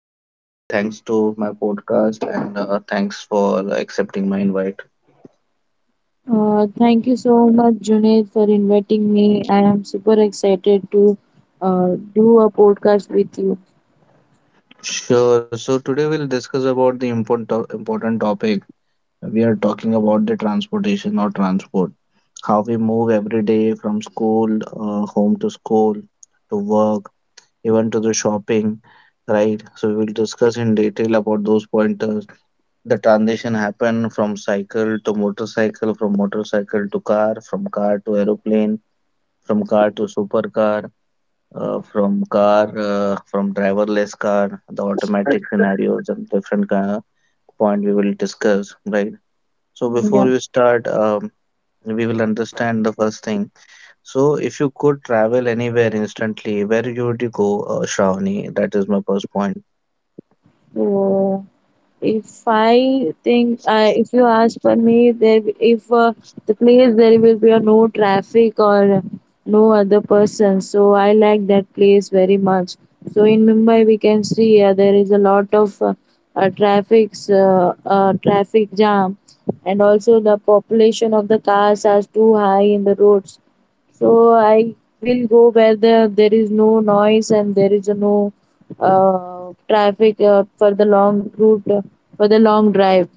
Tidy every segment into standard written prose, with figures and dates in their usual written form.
good evening. Thanks to my podcast and thanks for accepting my invite. Thank you so much, Junaid, for inviting me. I am super excited to do a podcast with you. Sure. So today we'll discuss about the important important topic. We are talking about the transportation or transport, how we move every day from school, home to school, to work, even to the shopping, right? So we will discuss in detail about those pointers, the transition happened from cycle to motorcycle, from motorcycle to car, from car to aeroplane, from car to supercar, from car, from driverless car, the automatic scenarios and different kind of point we will discuss, right? So Yeah. before you start, we will understand the first thing. So if you could travel anywhere instantly, where you would you go, Shravani? That is my first point. So, if I think, I if you ask for me, there if the place there will be a no traffic or no other person, so I like that place very much. So in Mumbai, we can see there is a lot of traffic jam, and also the population of the cars are too high in the roads. So I will go where there is no noise and there is no traffic for the long route, for the long drive.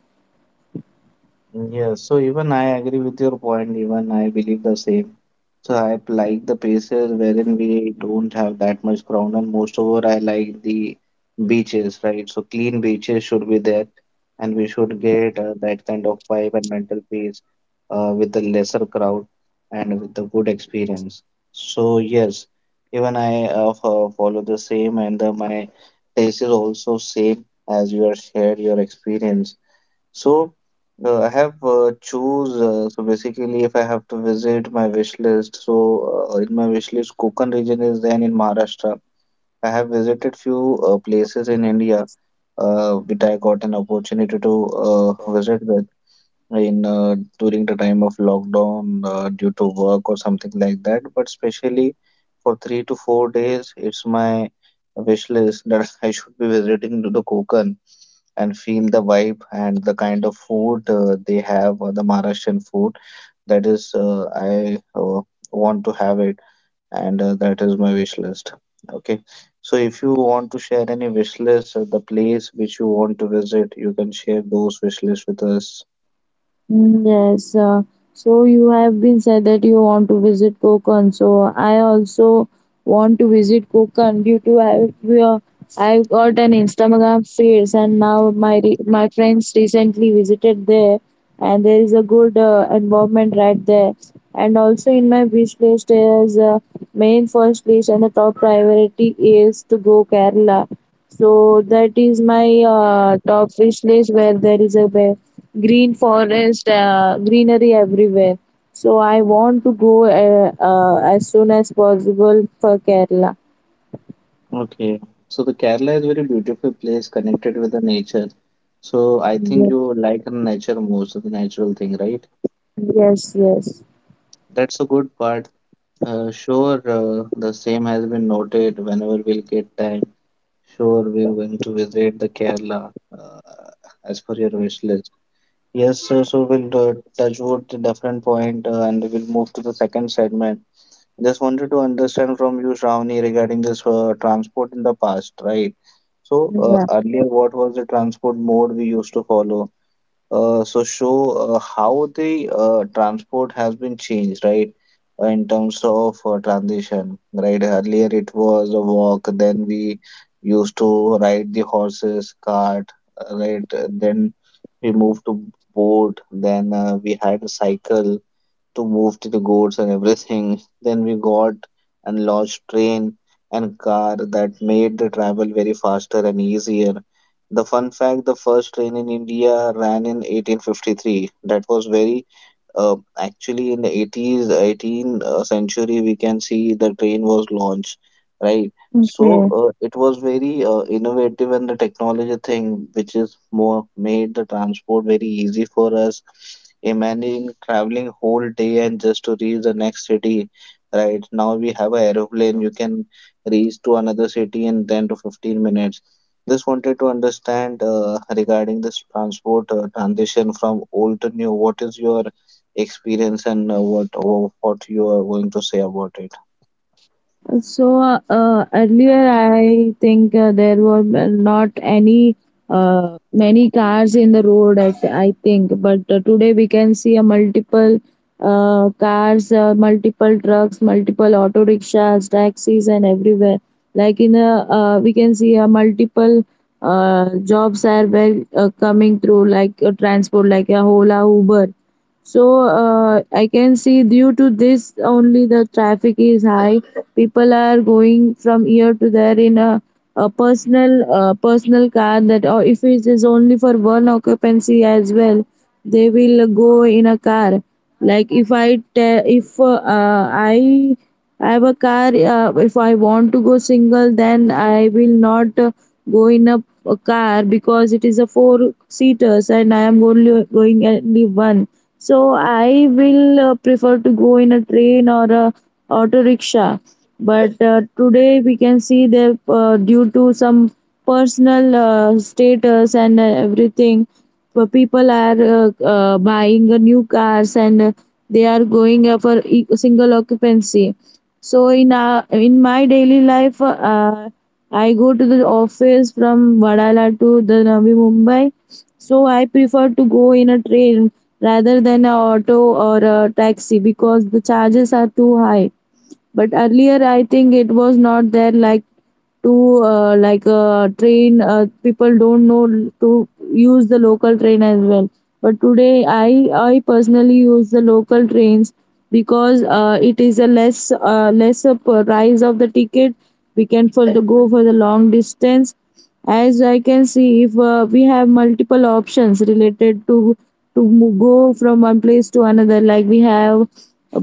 Yes, so even I agree with your point, even I believe the same. So I like the places wherein we don't have that much crowd, and most over I like the beaches, right? So clean beaches should be there, and we should get that kind of vibe and mental peace with the lesser crowd and with the good experience. So yes, even I follow the same, and my taste is also same as you are shared your experience. So I have choose so basically if I have to visit my wish list, so in my wish list, Konkan region is then in Maharashtra. I have visited few places in India, which I got an opportunity to visit with in during the time of lockdown due to work or something like that. But especially for 3 to 4 days, it's my wish list that I should be visiting to the Konkan and feel the vibe and the kind of food they have, the Maharashtrian food. That is, I want to have it, and that is my wish list. Okay, so if you want to share any wish list or the place which you want to visit, you can share those wish lists with us. Mm, yes. So you have been said that you want to visit Konkan. So I also want to visit Konkan due to I got an Instagram feeds, and now my friends recently visited there, and there is a good environment right there. And also in my wish list is main first list, and the top priority is to go Kerala. So that is my top wish list where there is a green forest, greenery everywhere. So I want to go as soon as possible for Kerala. Okay, so the Kerala is very beautiful place connected with the nature. So I think Yes, you like nature most of the natural thing, right? yes, yes. That's a good part. Sure, the same has been noted whenever we'll get time. Sure, we're going to visit the Kerala uh, as per your wish list. Yes, sir, so we'll touch wood to different point and we'll move to the second segment. Just wanted to understand from you, Shravani, regarding this transport in the past, right? So Yeah. earlier, what was the transport mode we used to follow? Show how the transport has been changed, right? In terms of transition, right? Earlier it was a walk, then we used to ride the horses, cart, right? Then we moved to boat, then we had a cycle, to move to the goods and everything. Then we got and launched train and car that made the travel very faster and easier. The fun fact, the first train in India ran in 1853. That was very actually in the 80s, 18th century, we can see the train was launched, right? So Okay. It was very innovative and the technology thing, which is more made the transport very easy for us. Imagine traveling whole day and just to reach the next city. Right now we have a aeroplane. You can reach to another city in 10 to 15 minutes. Just wanted to understand regarding this transport transition from old to new. What is your experience and what you are going to say about it? So earlier, I think there were not any many cars in the road. At I think, but today we can see a multiple cars, multiple trucks, multiple auto rickshaws, taxis, and everywhere. We can see a multiple jobs are well coming through, like transport, like a Ola, Uber. So I can see due to this only the traffic is high. People are going from here to there a personal personal car that, or if it is only for one occupancy as well, they will go in a car. If I have a car, if I want to go single, then I will not go in a, a car because it is a four seaters and I am only going only one. So I will prefer to go in a train or a auto rickshaw. But today we can see that due to some personal status and everything, but people are buying a new cars, and they are going single occupancy. So in my daily life, I go to the office from Vadala to the Navi Mumbai, so I prefer to go in a train rather than a auto or a taxi because the charges are too high. But earlier I think it was not there. Like to like train People don't know to use the local train as well, but today I personally use the local trains because it is a lesser price of the ticket. We can for the go for the long distance. As I can see, if we have multiple options related to go from one place to another, like we have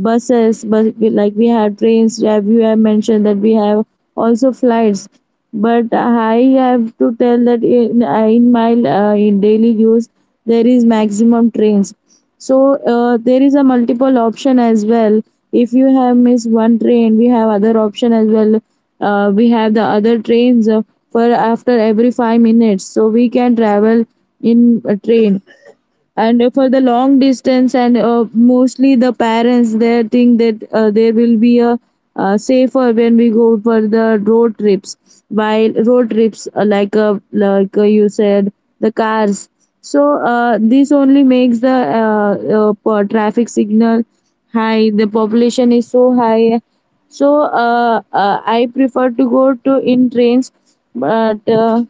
buses, but like we have trains, have you have mentioned that we have also flights. But I have to tell that in my in daily use, there is maximum trains. So there is a multiple option as well. If you have missed one train, we have other option as well. We have the other trains for after every 5 minutes, so we can travel in a train. And for the long distance, and mostly the parents there think that there will be a safer when we go for the road trips. While road trips, you said, the cars. So this only makes the traffic signal high, the population is so high. So I prefer to go to in trains. But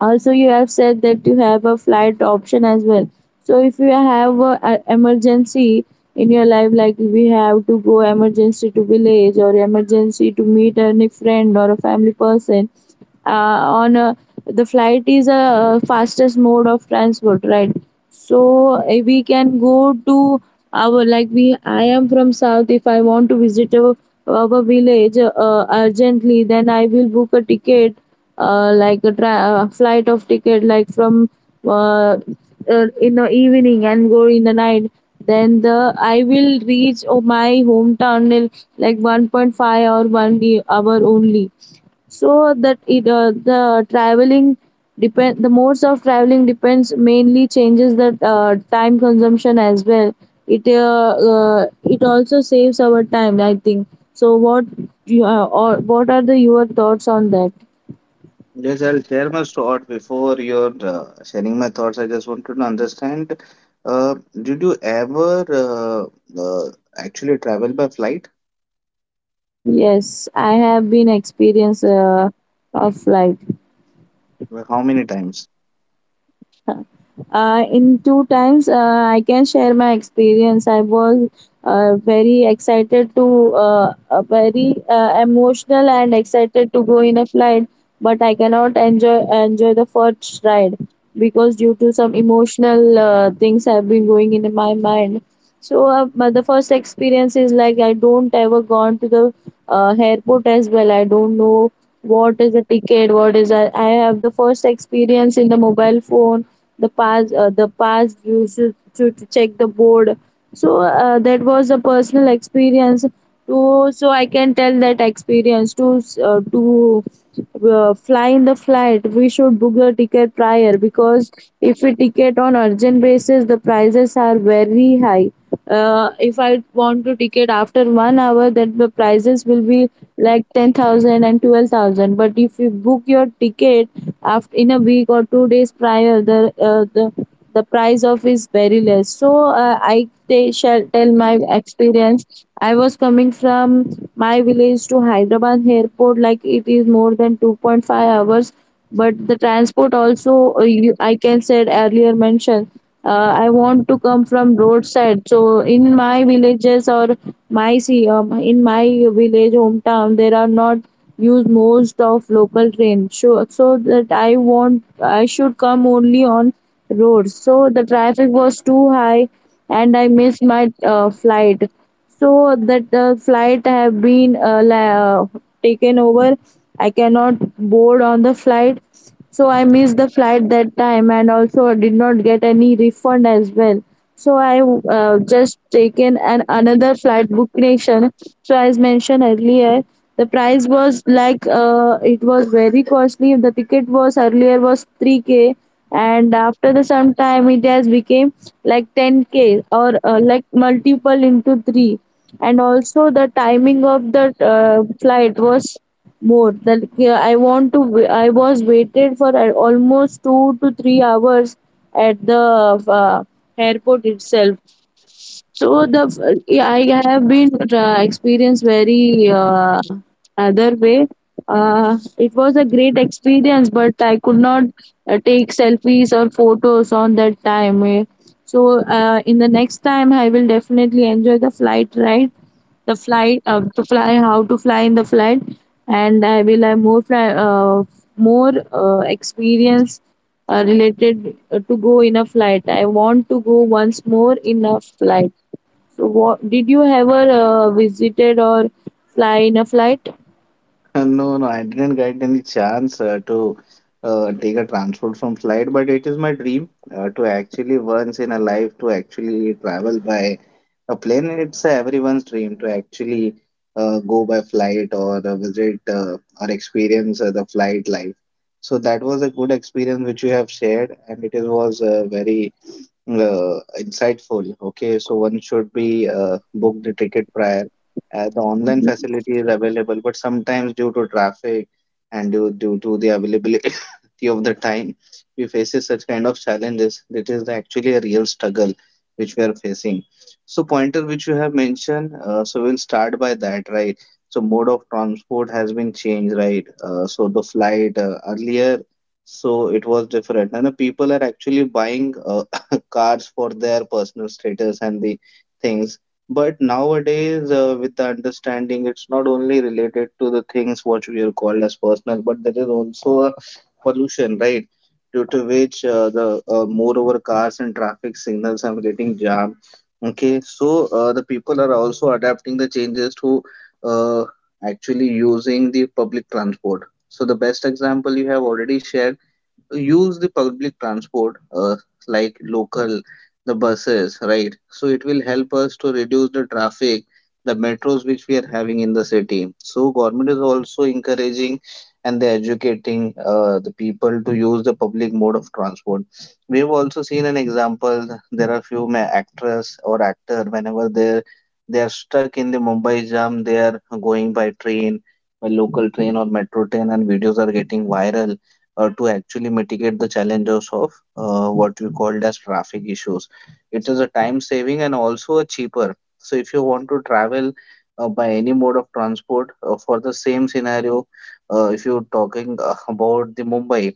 also, you have said that you have a flight option as well. So, if you have a emergency in your life, like we have to go emergency to village or emergency to meet any friend or a family person, uh, on a, the flight is a fastest mode of transport, right? So we can go to our like we. I am from South. If I want to visit our village urgently, then I will book a ticket, flight of ticket, like from uh, in the evening and go in the night. Then the I will reach my hometown in like 1.5 or 1 hour only. So that it the traveling depend the modes of traveling depends, mainly changes the time consumption as well. It also saves our time, I think. So what you or what are the your thoughts on that? Yes, I'll share my thought before your sharing my thoughts. I just wanted to understand, uh, did you ever actually travel by flight? Yes, I have been experience of flight Well, how many times? In two times. I can share my experience. I was very excited to very emotional and excited to go in a flight, but I cannot enjoy the first ride because due to some emotional things have been going in my mind. So but the first experience is like I don't ever gone to the airport as well. I don't know what is a ticket, I have the first experience in the mobile phone. The pass you should to check the board. So that was a personal experience too. So I can tell that experience to fly in the flight. We should book the ticket prior because if we ticket on urgent basis, the prices are very high. If I want to ticket after 1 hour, then the prices will be like 10000 and 12000. But if you book your ticket after in a week or 2 days prior, the uh, the the price of is very less. So uh, i t- shall tell my experience. I was coming from my village to Hyderabad airport, like it is more than 2.5 hours. But the transport also, I can said earlier mentioned I want to come from roadside. So in my villages or my see in my village hometown, there are not use most of local train. So that I want I should come only on road. So the traffic was too high, and I missed my flight. So that flight have been taken over. I cannot board on the flight. So I missed the flight that time, and also did not get any refund as well. So I just taken an another flight book nation. So as mentioned earlier, the price was like it was very costly. The ticket was earlier was 3k, and after the some time it has became like 10k or like multiple into 3. And also the timing of the flight was more. That yeah, I want to I was waited for almost 2 to 3 hours at the airport itself. So the yeah, I have been experienced very other way. It was a great experience, but I could not take selfies or photos on that time. Eh. So in the next time, I will definitely enjoy the flight ride, the flight to fly, how to fly in the flight. And I will have more more experience related to go in a flight. I want to go once more in a flight. So, what did you ever visited or fly in a flight? No, no, I didn't get any chance to take a transport from flight, but it is my dream to actually once in a life to actually travel by a plane. It's everyone's dream to actually go by flight or visit or experience the flight life. So that was a good experience which you have shared, and it is, was very insightful. Okay, so one should be book the ticket prior. The online facility is available, but sometimes due to traffic and due to the availability of the time, we faces such kind of challenges. That is actually a real struggle which we are facing. So pointer which you have mentioned, so we'll start by that, right? So mode of transport has been changed, right? So the flight earlier so it was different and the people are actually buying cars for their personal status and the things. But nowadays, with the understanding, it's not only related to the things what we are called as personal, but there is also a pollution, right? Due to which the moreover cars and traffic signals are getting jammed. Okay, so the people are also adapting the changes to uh, actually using the public transport. So the best example you have already shared, use the public transport, like local, the buses, right? So it will help us to reduce the traffic, the metros which we are having in the city. So government is also encouraging and they're educating the people to use the public mode of transport. We have also seen an example, there are few actress or actor, whenever they are stuck in the Mumbai jam, they are going by train, by local train or metro train, and videos are getting viral to actually mitigate the challenges of what we called as traffic issues. It is a time saving and also a cheaper. So if you want to travel by any mode of transport for the same scenario, if you're talking about the Mumbai,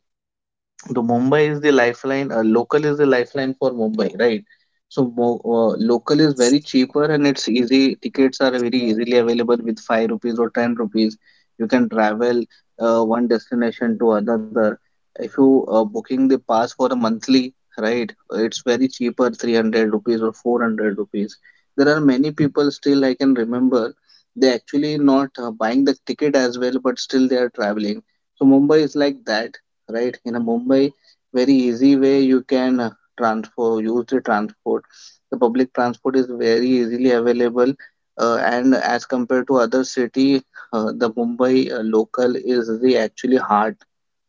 the Mumbai is the lifeline, local is the lifeline for Mumbai, right? So local is Yes, very cheaper and it's easy. Tickets are very easily available with 5 rupees or 10 rupees. You can travel one destination to another. If you booking the pass for a monthly, right? It's very cheaper, 300 rupees or 400 rupees. There are many people still I can remember. They actually not buying the ticket as well, but still they are traveling. So Mumbai is like that, right? In a Mumbai, very easy way you can transfer use the transport. The public transport is very easily available, and as compared to other city, the Mumbai local is the actually heart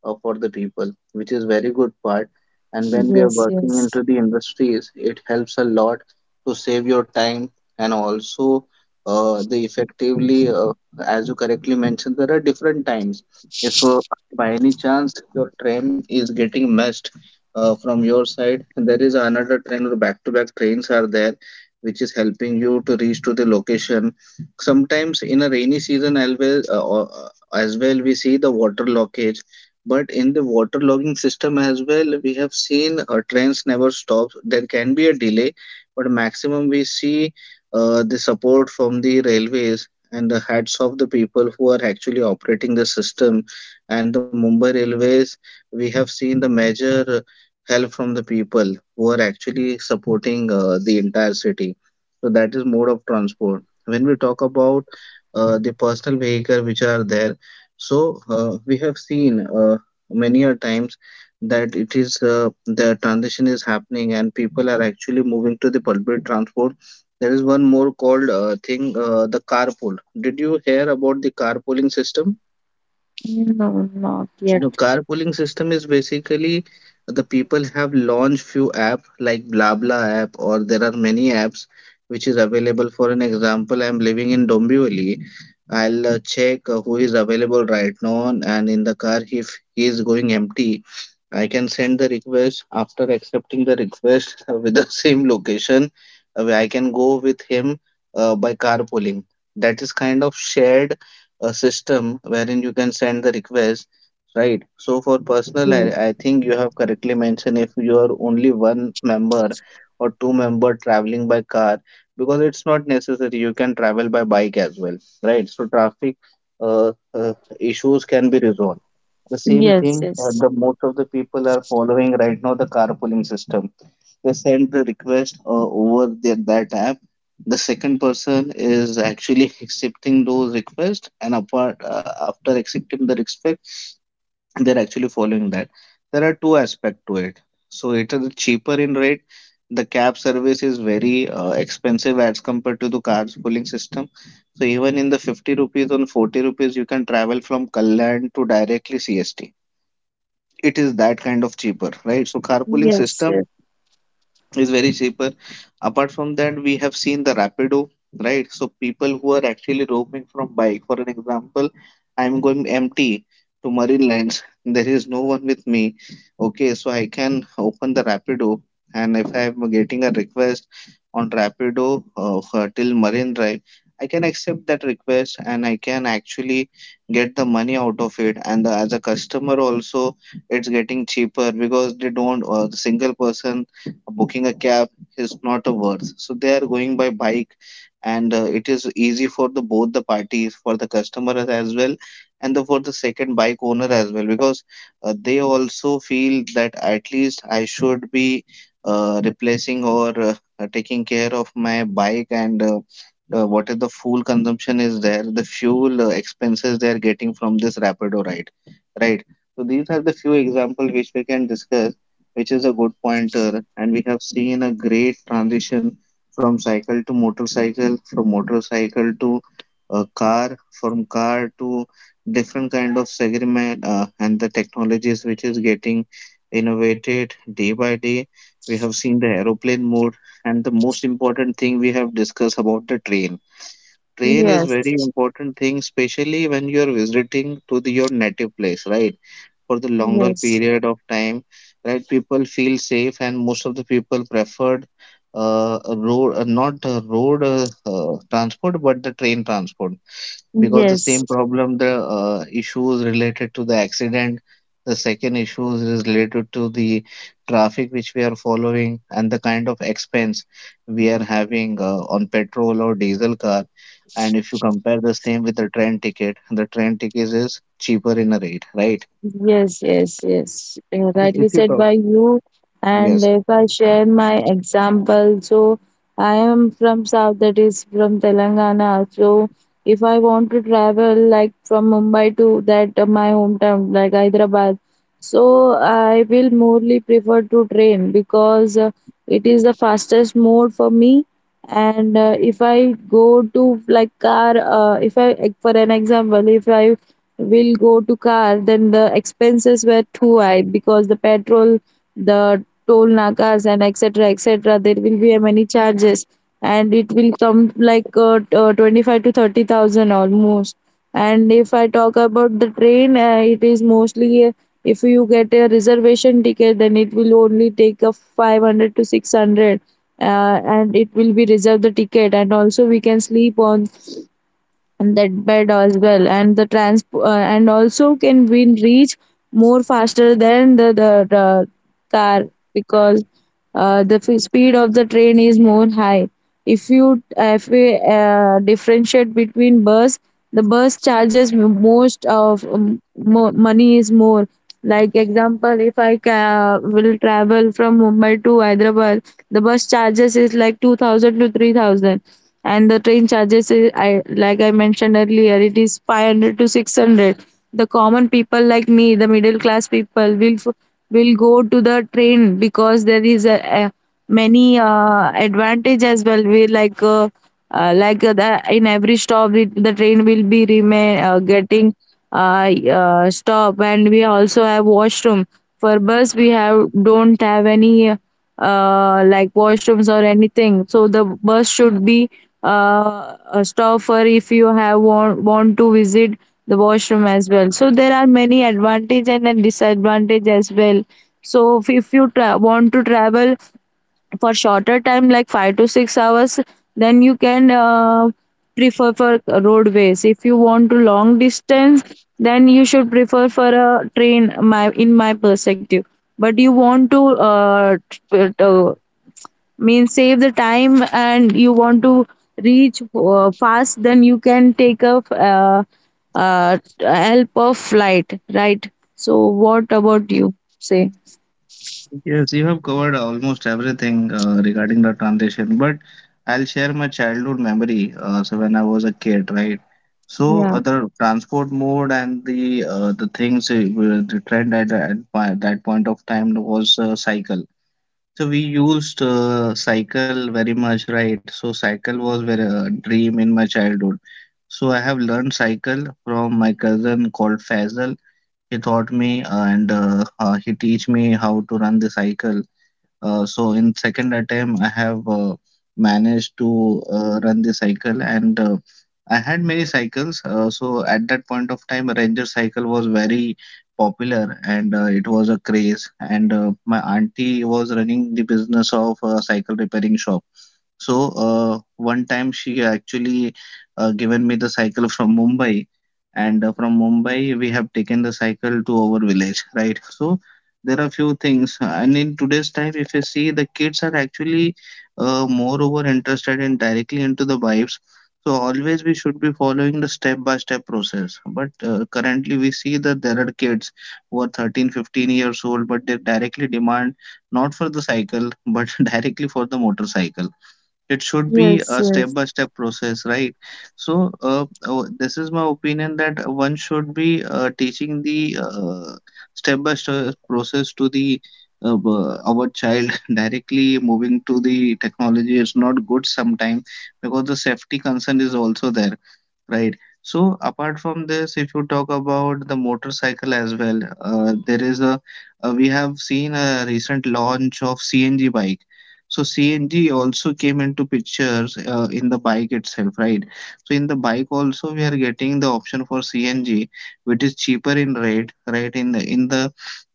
for the people, which is very good part. And when we are yes, working yes. into the industries, it helps a lot to save your time and also the effectively, as you correctly mentioned, there are different times if by any chance, your train is getting missed from your side. There is another train or back-to-back trains are there, which is helping you to reach to the location. Sometimes in a rainy season, always as well we see the water lockage. But in the water logging system as well, we have seen trains never stops. There can be a delay, but maximum we see the support from the railways and the hats of the people who are actually operating the system and the Mumbai Railways, we have seen the major help from the people who are actually supporting the entire city. So that is mode of transport. When we talk about the personal vehicle which are there, so we have seen many a times that it is the transition is happening and people are actually moving to the public transport. There is one more called thing, the carpool. Did you hear about the carpooling system? No, not No, yet. carpooling system is basically the people have launched few app like Blabla app or there are many apps which is available. For an example, I'm living in Dombivli. I'll check who is available right now on and in the car if he is going empty. I can send the request after accepting the request with the same location. Where I can go with him by carpooling. That is kind of shared system wherein you can send the request. Right. So for personal, Mm. I think you have correctly mentioned if you are only one member or two-member traveling by car, because it's not necessary. You can travel by bike as well, right? So traffic uh, uh, issues can be resolved. The same Yes, thing, yes, the most of the people are following right now the carpooling system. They send the request over that app. The second person is actually accepting those requests, and apart after accepting the request they're actually following that. There are two aspects to it. So it is cheaper in rate. The cab service is very expensive as compared to the car's pooling system. So even in the 50 rupees or 40 rupees, you can travel from Kalyan to directly CST. It is that kind of cheaper, right? So carpooling yes, yes, system is very cheaper. Apart from that, we have seen the Rapido, right? So people who are actually roaming from bike, for an example, I am going empty to Marine Lines. There is no one with me. Okay, so I can open the Rapido, and if I am getting a request on Rapido for till Marine Drive, I can accept that request and I can actually get the money out of it. And as a customer also, it's getting cheaper because they don't, or the single person booking a cab is not a worth. So they are going by bike, and it is easy for the both the parties, for the customer as well, and for the second bike owner as well, because they also feel that at least I should be replacing or taking care of my bike and what is the fuel consumption, is there the fuel expenses they are getting from this Rapido ride, right? So these are the few examples which we can discuss, which is a good pointer. And we have seen a great transition from cycle to motorcycle, from motorcycle to a car, from car to different kind of segment and the technologies which is getting innovated day by day. We have seen the aeroplane mode, and the most important thing we have discussed about the train. Train is very yes, important thing, especially when you are visiting to your native place, right? For the longer yes, period of time, right? People feel safe, and most of the people preferred a road, not road transport, but the train transport, because the yes. same problem, the issues related to the accident. The second issue is related to the traffic which we are following and the kind of expense we are having on petrol or diesel car. And if you compare the same with the train ticket is cheaper in a rate, right? Yes, yes, yes. Rightly If you said talk, by you. And yes. if I share my example, so I am from South, that is from Telangana. So if I want to travel, like from Mumbai to that my hometown, like Hyderabad, so I will morely prefer to train because it is the fastest mode for me. And if I go to like car if I like, for an example if I will go to car, then the expenses were too high because the petrol, the toll nakas and etc etc, there will be many charges, and it will come like 25 to 30,000 almost. And if I talk about the train, it is mostly if you get a reservation ticket, then it will only take a 500 to 600, and it will be reserved the ticket, and also we can sleep on that bed as well, and the trans and also can we reach more faster than the car because speed of the train is more high. if you if we differentiate between bus, the bus charges most of money is more. Like example if I will travel from Mumbai to Hyderabad, the bus charges is like 2000 to 3000, and the train charges is, I like I mentioned earlier, it is 500 to 600. The common people like me, the middle class people will go to the train because there is a many advantage as well. We like the, in every stop it, the train will be remain getting uh, stop, and we also have washroom. For bus we have don't have any like washrooms or anything. So the bus should be a stopper if you have want to visit the washroom as well. So there are many advantage and a disadvantage as well. So if want to travel for shorter time like 5 to 6 hours, then you can prefer for roadways. If you want to long distance, then you should prefer for a train my in my perspective. But you want to uh, t- uh, mean save the time and you want to reach fast, then you can take up uh, help of flight, right? So what about you say? Yes, you have covered almost everything regarding the transition, but I'll share my childhood memory. So when I was a kid, right? So Yeah, the transport mode and the things were the trend at by that point of time was cycle. So we used cycle very much, right? So cycle was very a dream in my childhood. So I have learned cycle from my cousin called Faisal. He taught me and he teach me how to run the cycle. So in second attempt I have managed to run the cycle, and I had many cycles. So at that point of time, ranger cycle was very popular, and it was a craze, and my auntie was running the business of a cycle repairing shop. So one time she actually given me the cycle from Mumbai, and from Mumbai we have taken the cycle to our village, right? So there are few things, and in today's time, if you see, the kids are actually moreover interested in directly into the vibes. So always we should be following the step by step process. But currently we see that there are kids who are 13, 15 years old, but they directly demand not for the cycle, but directly for the motorcycle. It should be yes, a step yes. by step process, right? So this is my opinion that one should be teaching the step by step process to the our child directly moving to the technology is not good sometimes, because the safety concern is also there. Right. So apart from this, if you talk about the motorcycle as well, there is a we have seen a recent launch of CNG bike. So CNG also came into pictures in the bike itself, right? So in the bike also we are getting the option for CNG, which is cheaper in rate, right? In the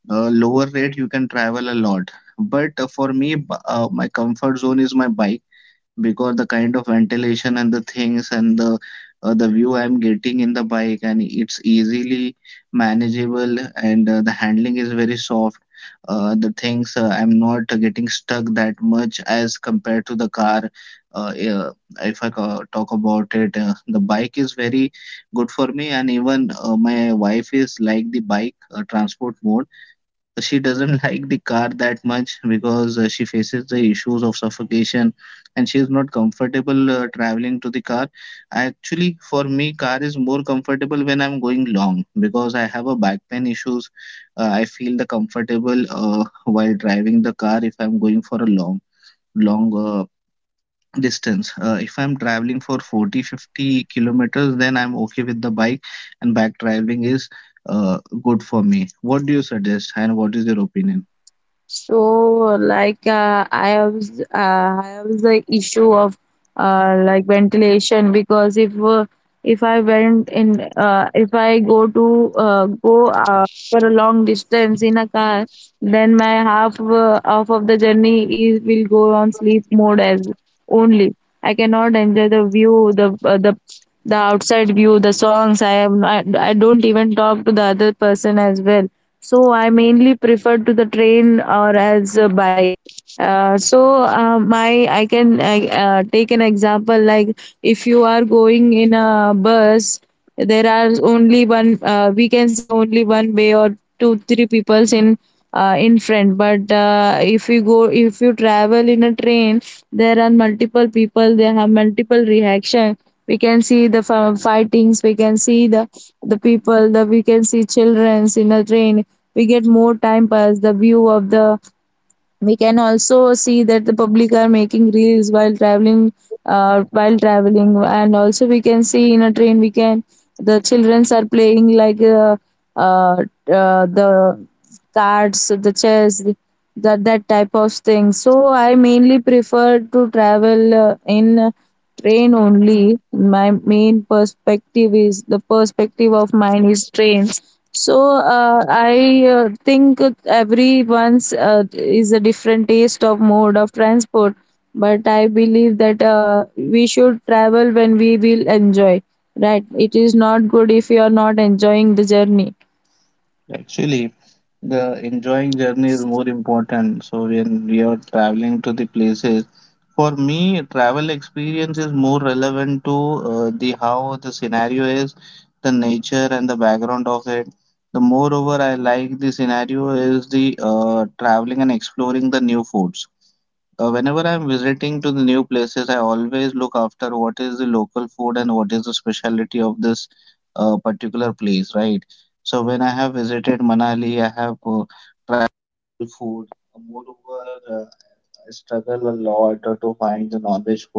lower rate you can travel a lot. But for me, my comfort zone is my bike because the kind of ventilation and the things and the view I'm getting in the bike, and it's easily manageable, and the handling is very soft. The things I'm not getting stuck that much as compared to the car. Yeah, if I ca- talk about it, the bike is very good for me. And even my wife is like the bike transport mode, so she doesn't like the car that much, because she faces the issues of suffocation and she is not comfortable traveling to the car. Actually for me, car is more comfortable when I'm going long, because I have a back pain issues. I feel the comfortable while driving the car if I'm going for a long distance. If I'm traveling for 40 50 kilometers, then I'm okay with the bike, and back traveling is good for me. What do you suggest and what is your opinion? So, like, I have the issue of like ventilation because if I go to go for a long distance in a car, then my half of the journey is will go on sleep mode, as only I cannot enjoy the view, the outside view, the songs, I don't even talk to the other person as well. So I mainly prefer to the train or as a bike. Uh, so uh, my i can I, uh, take an example, like if you are going in a bus, there are only one, we can see only one way or two three peoples in front. But if you travel in a train, there are multiple people, they have multiple reaction. We can see the fightings, we can see the people, the we can see childrens in a train. We get more time pass, the view of the, we can also see that the public are making reels while traveling, while traveling. And also we can see in a train, we can, the childrens are playing like uh, the cards, the chess, that type of thing. So I mainly prefer to travel in train only. My main perspective is the perspective of mine is trains. So I think everyone's is a different taste of mode of transport, but I believe that we should travel when we will enjoy. Right? It is not good if you are not enjoying the journey. Actually, the enjoying journey is more important. So when we are traveling to the places, for me, travel experience is more relevant to the how the scenario is, the nature and the background of it. The moreover, I like the scenario is the traveling and exploring the new foods. Whenever I'm visiting to the new places, I always look after what is the local food and what is the specialty of this particular place, right? So when I have visited Manali, I have food. Moreover, I struggle a lot to find the non-veg food.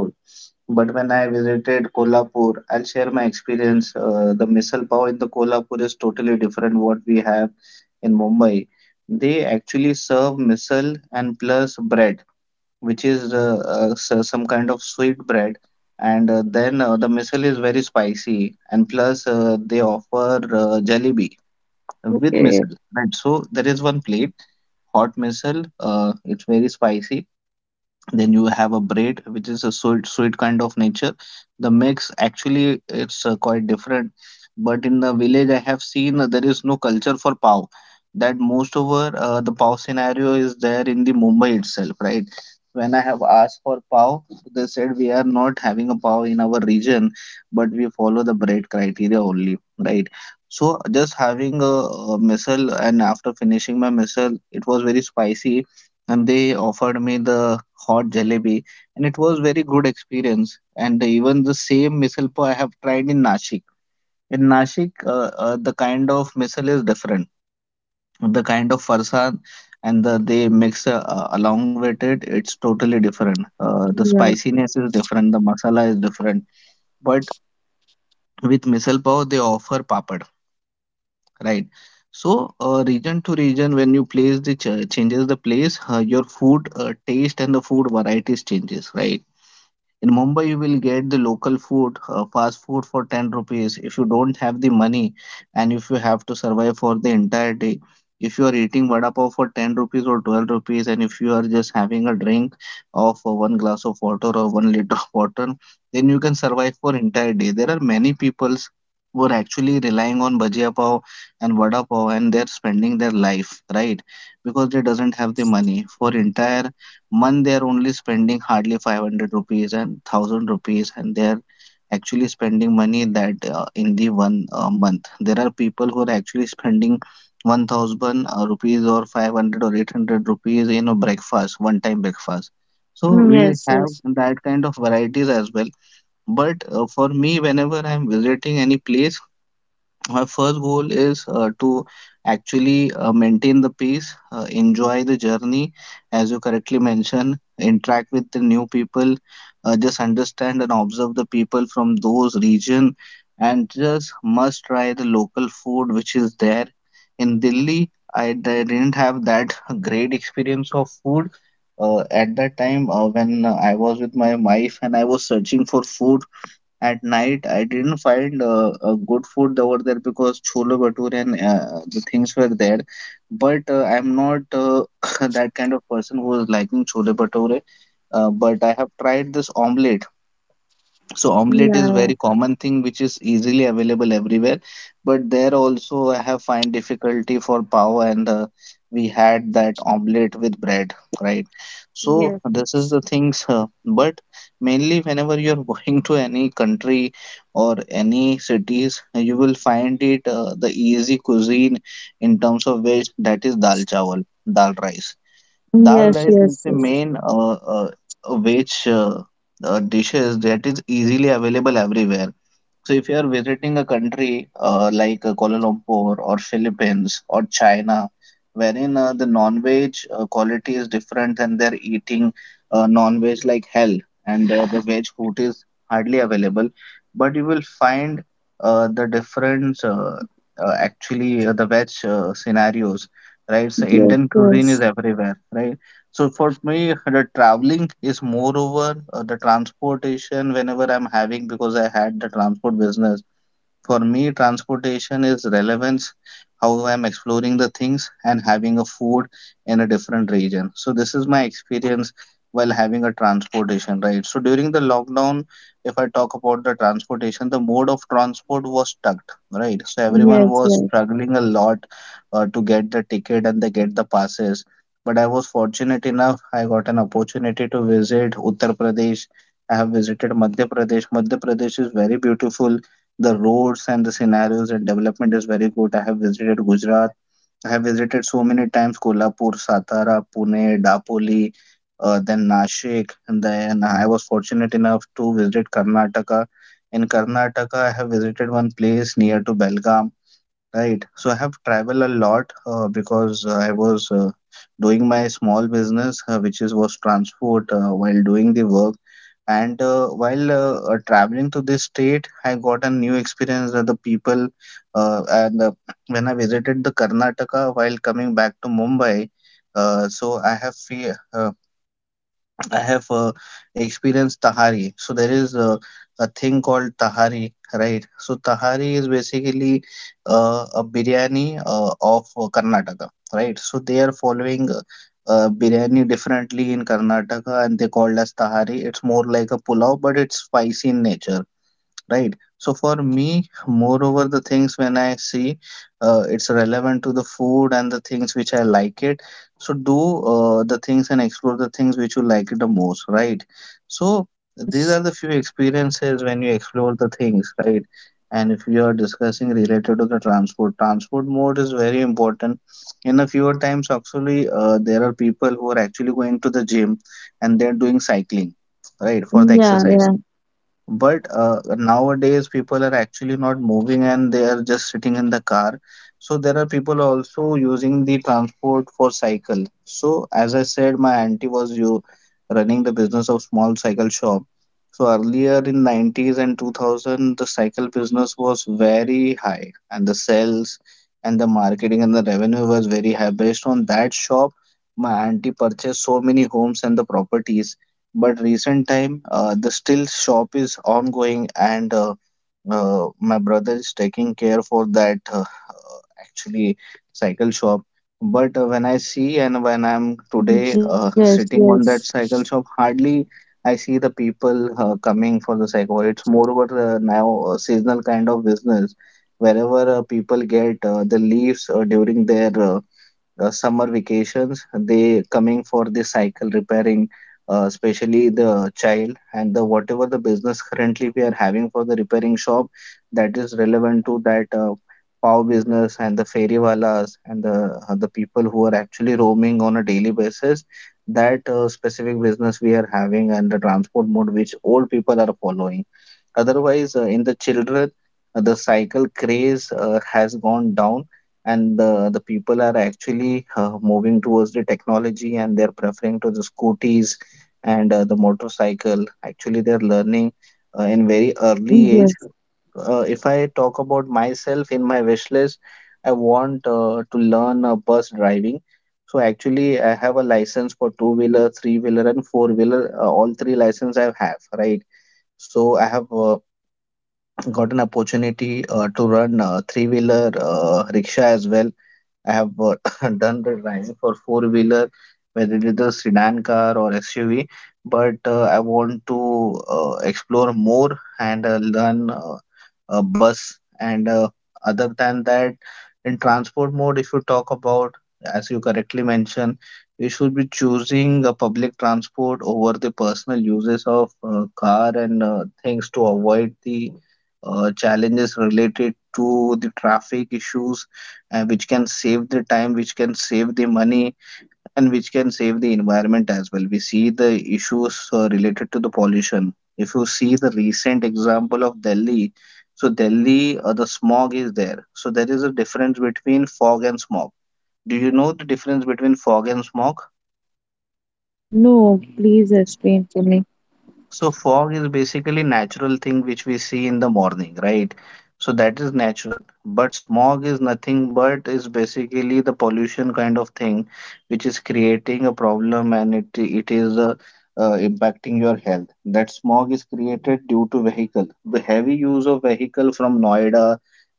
But when I visited Kolhapur, I'll share my experience. The misal pav in the Kolhapur is totally different what we have in Mumbai. They actually serve misal and plus bread which is some kind of sweet bread, and the missile is very spicy, and plus they offer jalebi with Okay. missile, right? So there is one plate hot missile. It's very spicy. Then you have a bread which is a sweet kind of nature. The mix actually, it's quite different. But in the village I have seen there is no culture for pav, that most over the pav scenario is there in the Mumbai itself, right? When I have asked for pav, they said we are not having a pav in our region, but we follow the bread criteria only, right? So just having a missile, and after finishing my missile, it was very spicy, and they offered me the hot jalebi, and it was very good experience. And even the same misal pav I have tried in Nashik. In Nashik, the kind of misal is different. The kind of farsan and they mix along with it, it's totally different. The Yeah. spiciness is different, the masala is different. But with misal pav, they offer papad, right? So, region to region, when you place the ch changes the place, your food taste and the food varieties changes, right? In Mumbai, you will get the local food, fast food for 10 rupees. If you don't have the money and if you have to survive for the entire day, if you are eating vada pav for 10 rupees or 12 rupees, and if you are just having a drink of one glass of water or 1 liter of water, then you can survive for entire day. There are many peoples who are actually relying on bhajiya pav and vada pav, and they're spending their life, right? Because they doesn't have the Yes. money for entire month, they are only spending hardly 500 rupees and 1000 rupees, and they are actually spending money that in the one month there are people who are actually spending 1000 rupees or 500 or 800 rupees in a breakfast, one time breakfast. So Mm, we yes. have Yes. that kind of varieties as well. But for me, whenever I'm visiting any place, my first goal is to actually maintain the peace, enjoy the journey, as you correctly mentioned, interact with the new people, just understand and observe the people from those region, and just must try the local food which is there. In Delhi, I didn't have that great experience of food. At that time, when I was with my wife and I was searching for food at night, I didn't find a good food over there because chole bhature and the things were there. But I'm not that kind of person who is liking chole bhature. But I have tried this omelette. So omelette is Yeah. very common thing which is easily available everywhere, but there also I have find difficulty for pav, and we had that omelette with bread, right? So Yes. this is the things, but mainly whenever you are going to any country or any cities, you will find it the easy cuisine in terms of which that is dal chawal, dal rice. Dal Yes. rice is Yes. the main uh, which dishes that is easily available everywhere. So if you are visiting a country like Kuala Lumpur or Philippines or China, wherein the non-veg quality is different and they're eating non-veg like hell, and the veg food is hardly available, but you will find the difference actually the veg scenarios, right? So Yes. Yes. Indian cuisine is Yes. everywhere, right? So for me, the traveling is moreover the transportation whenever I'm having because I had the transport business. For me, transportation is relevance, how I'm exploring the things and having a food in a different region. So this is my experience while having a transportation, right? So during the lockdown, if I talk about the transportation, the mode of transport was stuck, right? So everyone Yes. was Yes. struggling a lot to get the ticket and they get the passes. But I was fortunate enough, I got an opportunity to visit Uttar Pradesh. I have visited Madhya Pradesh. Madhya Pradesh is very beautiful, the roads and the scenarios and development is very good. I have visited Gujarat. I have visited so many times Kolhapur, Satara, Pune, Dapoli, then Nashik. And then I was fortunate enough to visit Karnataka. In Karnataka, I have visited one place near to Belgaum. Right. So I have traveled a lot because I was doing my small business, which is was transport while doing the work. And while traveling to this state, I got a new experience that the people and when I visited the Karnataka while coming back to Mumbai, so I have experienced Tahari. So there is a thing called Tahari, right? So Tahari is basically a biryani of Karnataka, right? So they are following biryani differently in Karnataka and they called as Tahari. It's more like a pulao, but it's spicy in nature, right? So for me, moreover the things, when I see it's relevant to the food and the things which I like it, so do the things and explore the things which you like it the most, right? So these are Yes. the few experiences when you explore the things, right? And if you are discussing related to the transport, transport mode is very important. In a fewer times, actually there are people who are actually going to the gym and they're doing cycling, right, for the Yeah. exercise. Yeah. But nowadays, people are actually not moving and they are just sitting in the car. So there are people also using the transport for cycle. So as I said, my auntie was you running the business of small cycle shop. So earlier in 90s and 2000, the cycle business was very high, and the sales and the marketing and the revenue was very high. Based on that shop, my auntie purchased so many homes and the properties, but recent time the still shop is ongoing and my brother is taking care for that actually cycle shop. But when I see and when I'm Yes. today Yes. Sitting on that cycle shop, hardly I see the people coming for the cycle. It's moreover now a seasonal kind of business, wherever people get the leaves during their summer vacations, they coming for the cycle repairing, especially the child. And the whatever the business currently we are having for the repairing shop, that is relevant to that pav business and the ferrywalas and the people who are actually roaming on a daily basis, that specific business we are having, and the transport mode which old people are following. Otherwise, in the children, the cycle craze has gone down, and the people are actually moving towards the technology and they're preferring to the scooties and the motorcycle. Actually, they're learning in very early age. Yes. If I talk about myself, in my wish list, I want to learn bus driving. So actually, I have a license for two wheeler, three wheeler, and four wheeler. All three license I have, right? So I have got an opportunity to run three wheeler rickshaw as well. I have done the driving for four wheeler, whether it is a sedan car or SUV, but I want to explore more and learn bus. And other than that, in transport mode, if you talk about, as you correctly mentioned, we should be choosing a public transport over the personal uses of car and things to avoid the challenges related to the traffic issues, which can save the time, which can save the money, and which can save the environment as well. We see the issues related to the pollution. If you see the recent example of Delhi, so Delhi, the smog is there. So there is a difference between fog and smog. Do you know the difference between fog and smog? No, please explain to me. So fog is basically natural thing which we see in the morning, right? So that is natural. But smog is nothing but is basically the pollution kind of thing which is creating a problem, and it is impacting your health. That smog is created due to vehicle. The heavy use of vehicle from Noida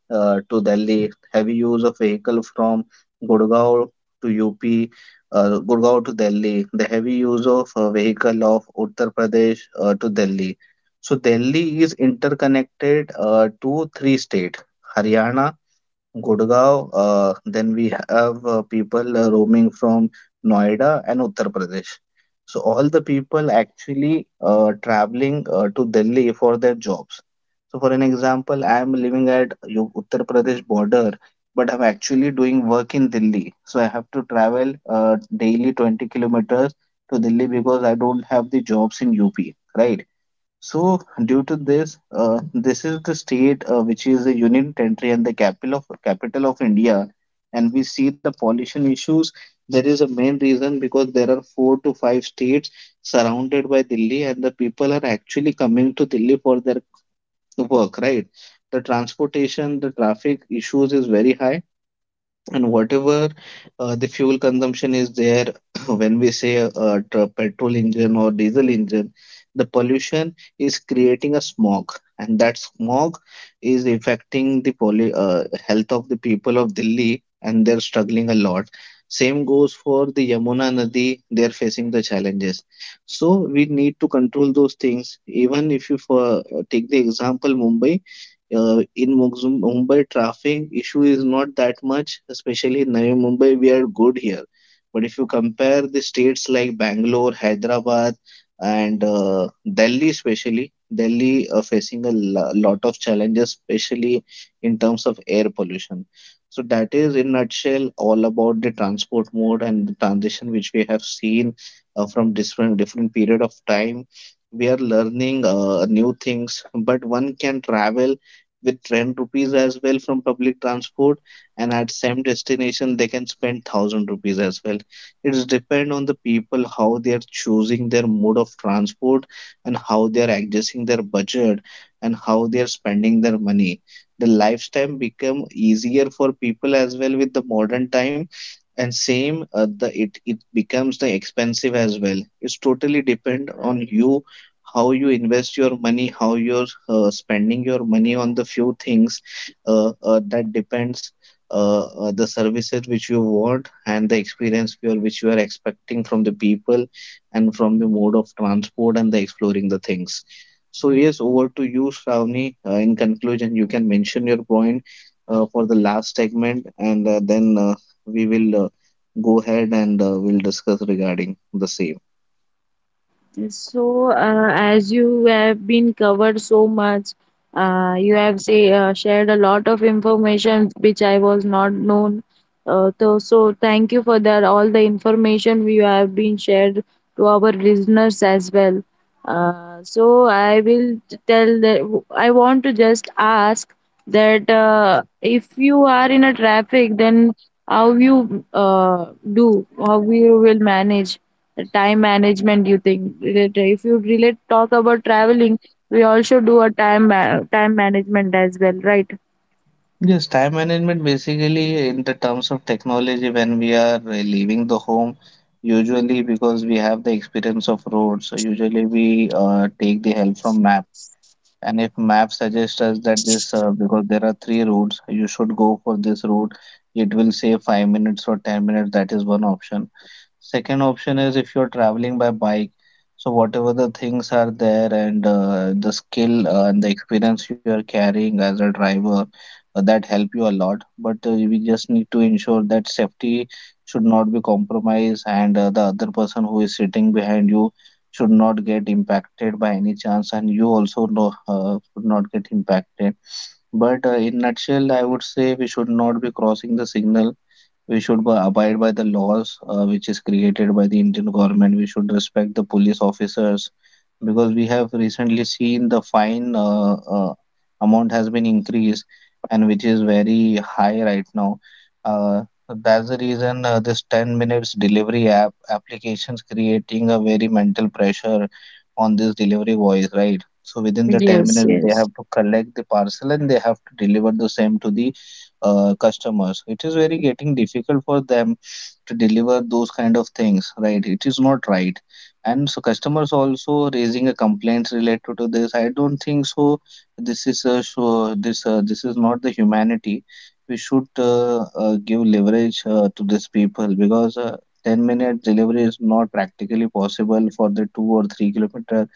to Delhi, heavy use of vehicle from Gurgaon to UP, Gurgaon to Delhi, the heavy use of vehicle of Uttar Pradesh to Delhi. So Delhi is interconnected to three states, Haryana, Gurgaon. Then we have people roaming from Noida and Uttar Pradesh. So all the people actually traveling to Delhi for their jobs. So for an example, I am living at Uttar Pradesh border, but I'm actually doing work in Delhi. So I have to travel daily 20 kilometers to Delhi because I don't have the jobs in UP, right? So, due to this, this is the state which is a union territory and the capital of India. And we see the pollution issues. There is a main reason because there are four to five states surrounded by Delhi, and the people are actually coming to Delhi for their work, right? The transportation, the traffic issues is very high, and whatever the fuel consumption is there. When we say a petrol engine or diesel engine, the pollution is creating a smog, and that smog is affecting the poly, health of the people of Delhi, and they're struggling a lot. Same goes for the Yamuna Nadi. They're facing the challenges. So we need to control those things. Even if you for, take the example Mumbai, in Mumbai traffic issue is not that much, especially in Navi Mumbai, we are good here. But if you compare the states like Bangalore, Hyderabad, and Delhi, especially, Delhi are facing a lot of challenges, especially in terms of air pollution. So that is, in nutshell, all about the transport mode and the transition which we have seen from different period of time. We are learning new things, but one can travel with 10 rupees as well from public transport, and at same destination they can spend 1,000 rupees as well. It's depend on the people how they are choosing their mode of transport, and how they are adjusting their budget, and how they are spending their money. The lifestyle become easier for people as well with the modern time, and same the it it becomes the expensive as well. It's totally depend on you how you invest your money, how you're spending your money on the few things. That depends the services which you want and the experience which you are expecting from the people and from the mode of transport and the exploring the things. So yes, over to you, Shravani. In conclusion, you can mention your point for the last segment, and then we will go ahead and we'll discuss regarding the same. So, as you have been covered so much, you have say shared a lot of information which I was not known. So, thank you for that. All the information we have been shared to our listeners as well. So I will tell that I want to just ask that if you are in a traffic, then how you uh, how you will manage the time management, you think, if you really talk about traveling, we also do a time management as well, right? Yes, time management basically in the terms of technology when we are leaving the home, usually because we have the experience of roads, so usually we take the help from map. And if map suggests us that this, because there are 3 roads, you should go for this route, it will say 5 minutes or 10 minutes. That is one option. Second option is if you're traveling by bike, so whatever the things are there, and the skill and the experience you are carrying as a driver, that help you a lot. But we just need to ensure that safety should not be compromised, and the other person who is sitting behind you should not get impacted by any chance, and you also know, should not get impacted. But in nutshell, I would say we should not be crossing the signal. We should abide by the laws which is created by the Indian government. We should respect the police officers because we have recently seen the fine amount has been increased, and which is very high right now. Uh, that's the reason this 10 minutes delivery applications creating a very mental pressure on this delivery boys, right? So within the 10 Yes, minutes, they yes, have to collect the parcel and they have to deliver the same to the customers. It is very getting difficult for them to deliver those kind of things, right? It is not right. And so customers also raising a complaints related to this. I don't think so this is a show. This is not the humanity. We should give leverage to these people because 10-minute delivery is not practically possible for the 2 or 3-kilometer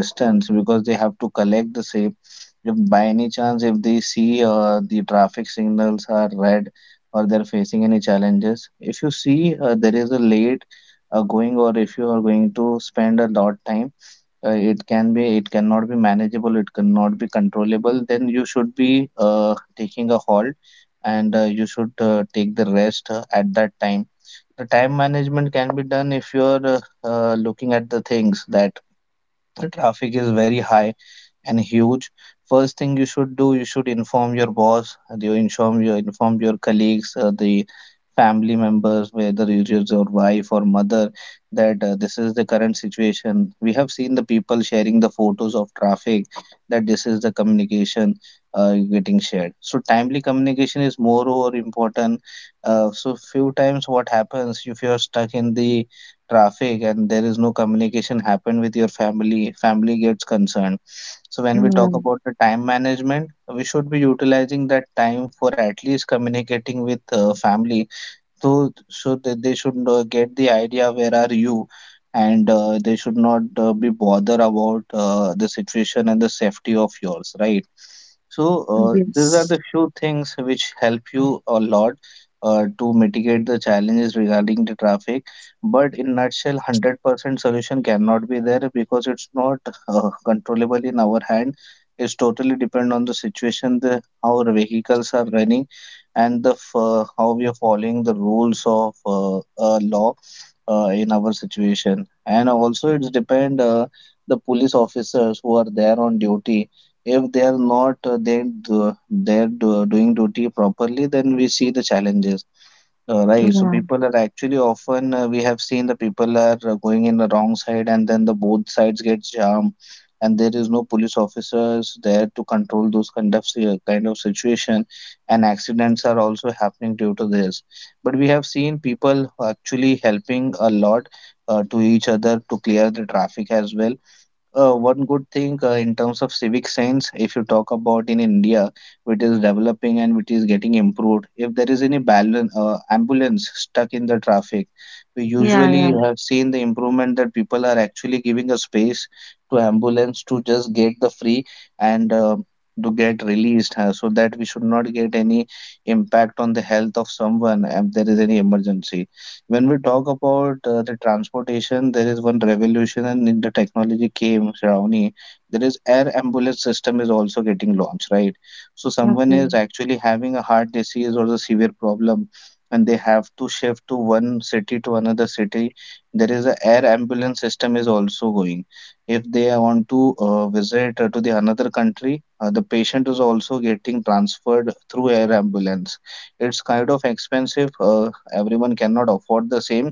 distance, because they have to collect the same. If by any chance, if they see the traffic signals are red, or they're facing any challenges, if you see there is a late going, or if you are going to spend a lot time, it can be, it cannot be manageable, it cannot be controllable, then you should be taking a halt, and you should take the rest at that time. The time management can be done if you're looking at the things that the traffic is very high and huge. First thing you should do, you should inform your boss, and you inform your colleagues, the family members, whether it is your wife or mother, that this is the current situation. We have seen the people sharing the photos of traffic, that this is the communication getting shared. So timely communication is more over important. So few times what happens, if you are stuck in the traffic and there is no communication happen with your family, family gets concerned. So when we yeah. talk about the time management, we should be utilizing that time for at least communicating with family, so that they should get the idea where are you, and they should not be bothered about the situation and the safety of yours, right? So these are Yes, the few things which help you a lot to mitigate the challenges regarding the traffic. But in nutshell, 100% solution cannot be there, because it's not controllable in our hand. It's totally depend on the situation, the how our vehicles are running, and the how we are following the rules of law in our situation. And also it's depend the police officers who are there on duty. If they are not they do, they're do, doing duty properly, then we see the challenges, right. So yeah, people are actually often we have seen the people are going in the wrong side, and then the both sides get jammed, and there is no police officers there to control those kind of situation, and accidents are also happening due to this. But we have seen people who actually helping a lot to each other to clear the traffic as well. One good thing in terms of civic sense, if you talk about in India, which is developing and which is getting improved, if there is any ambulance stuck in the traffic, we yeah, usually yeah. have seen the improvement that people are actually giving a space to ambulance to just get the free and to get released, so that we should not get any impact on the health of someone if there is any emergency. When we talk about the transportation, there is one revolution and in the technology came, Shravani. There is air ambulance system is also getting launched, right? So someone is Okay, actually having a heart disease or a severe problem, and they have to shift to one city to another city. There is a air ambulance system is also going. If they want to visit to the another country, the patient is also getting transferred through air ambulance. It's kind of expensive, everyone cannot afford the same.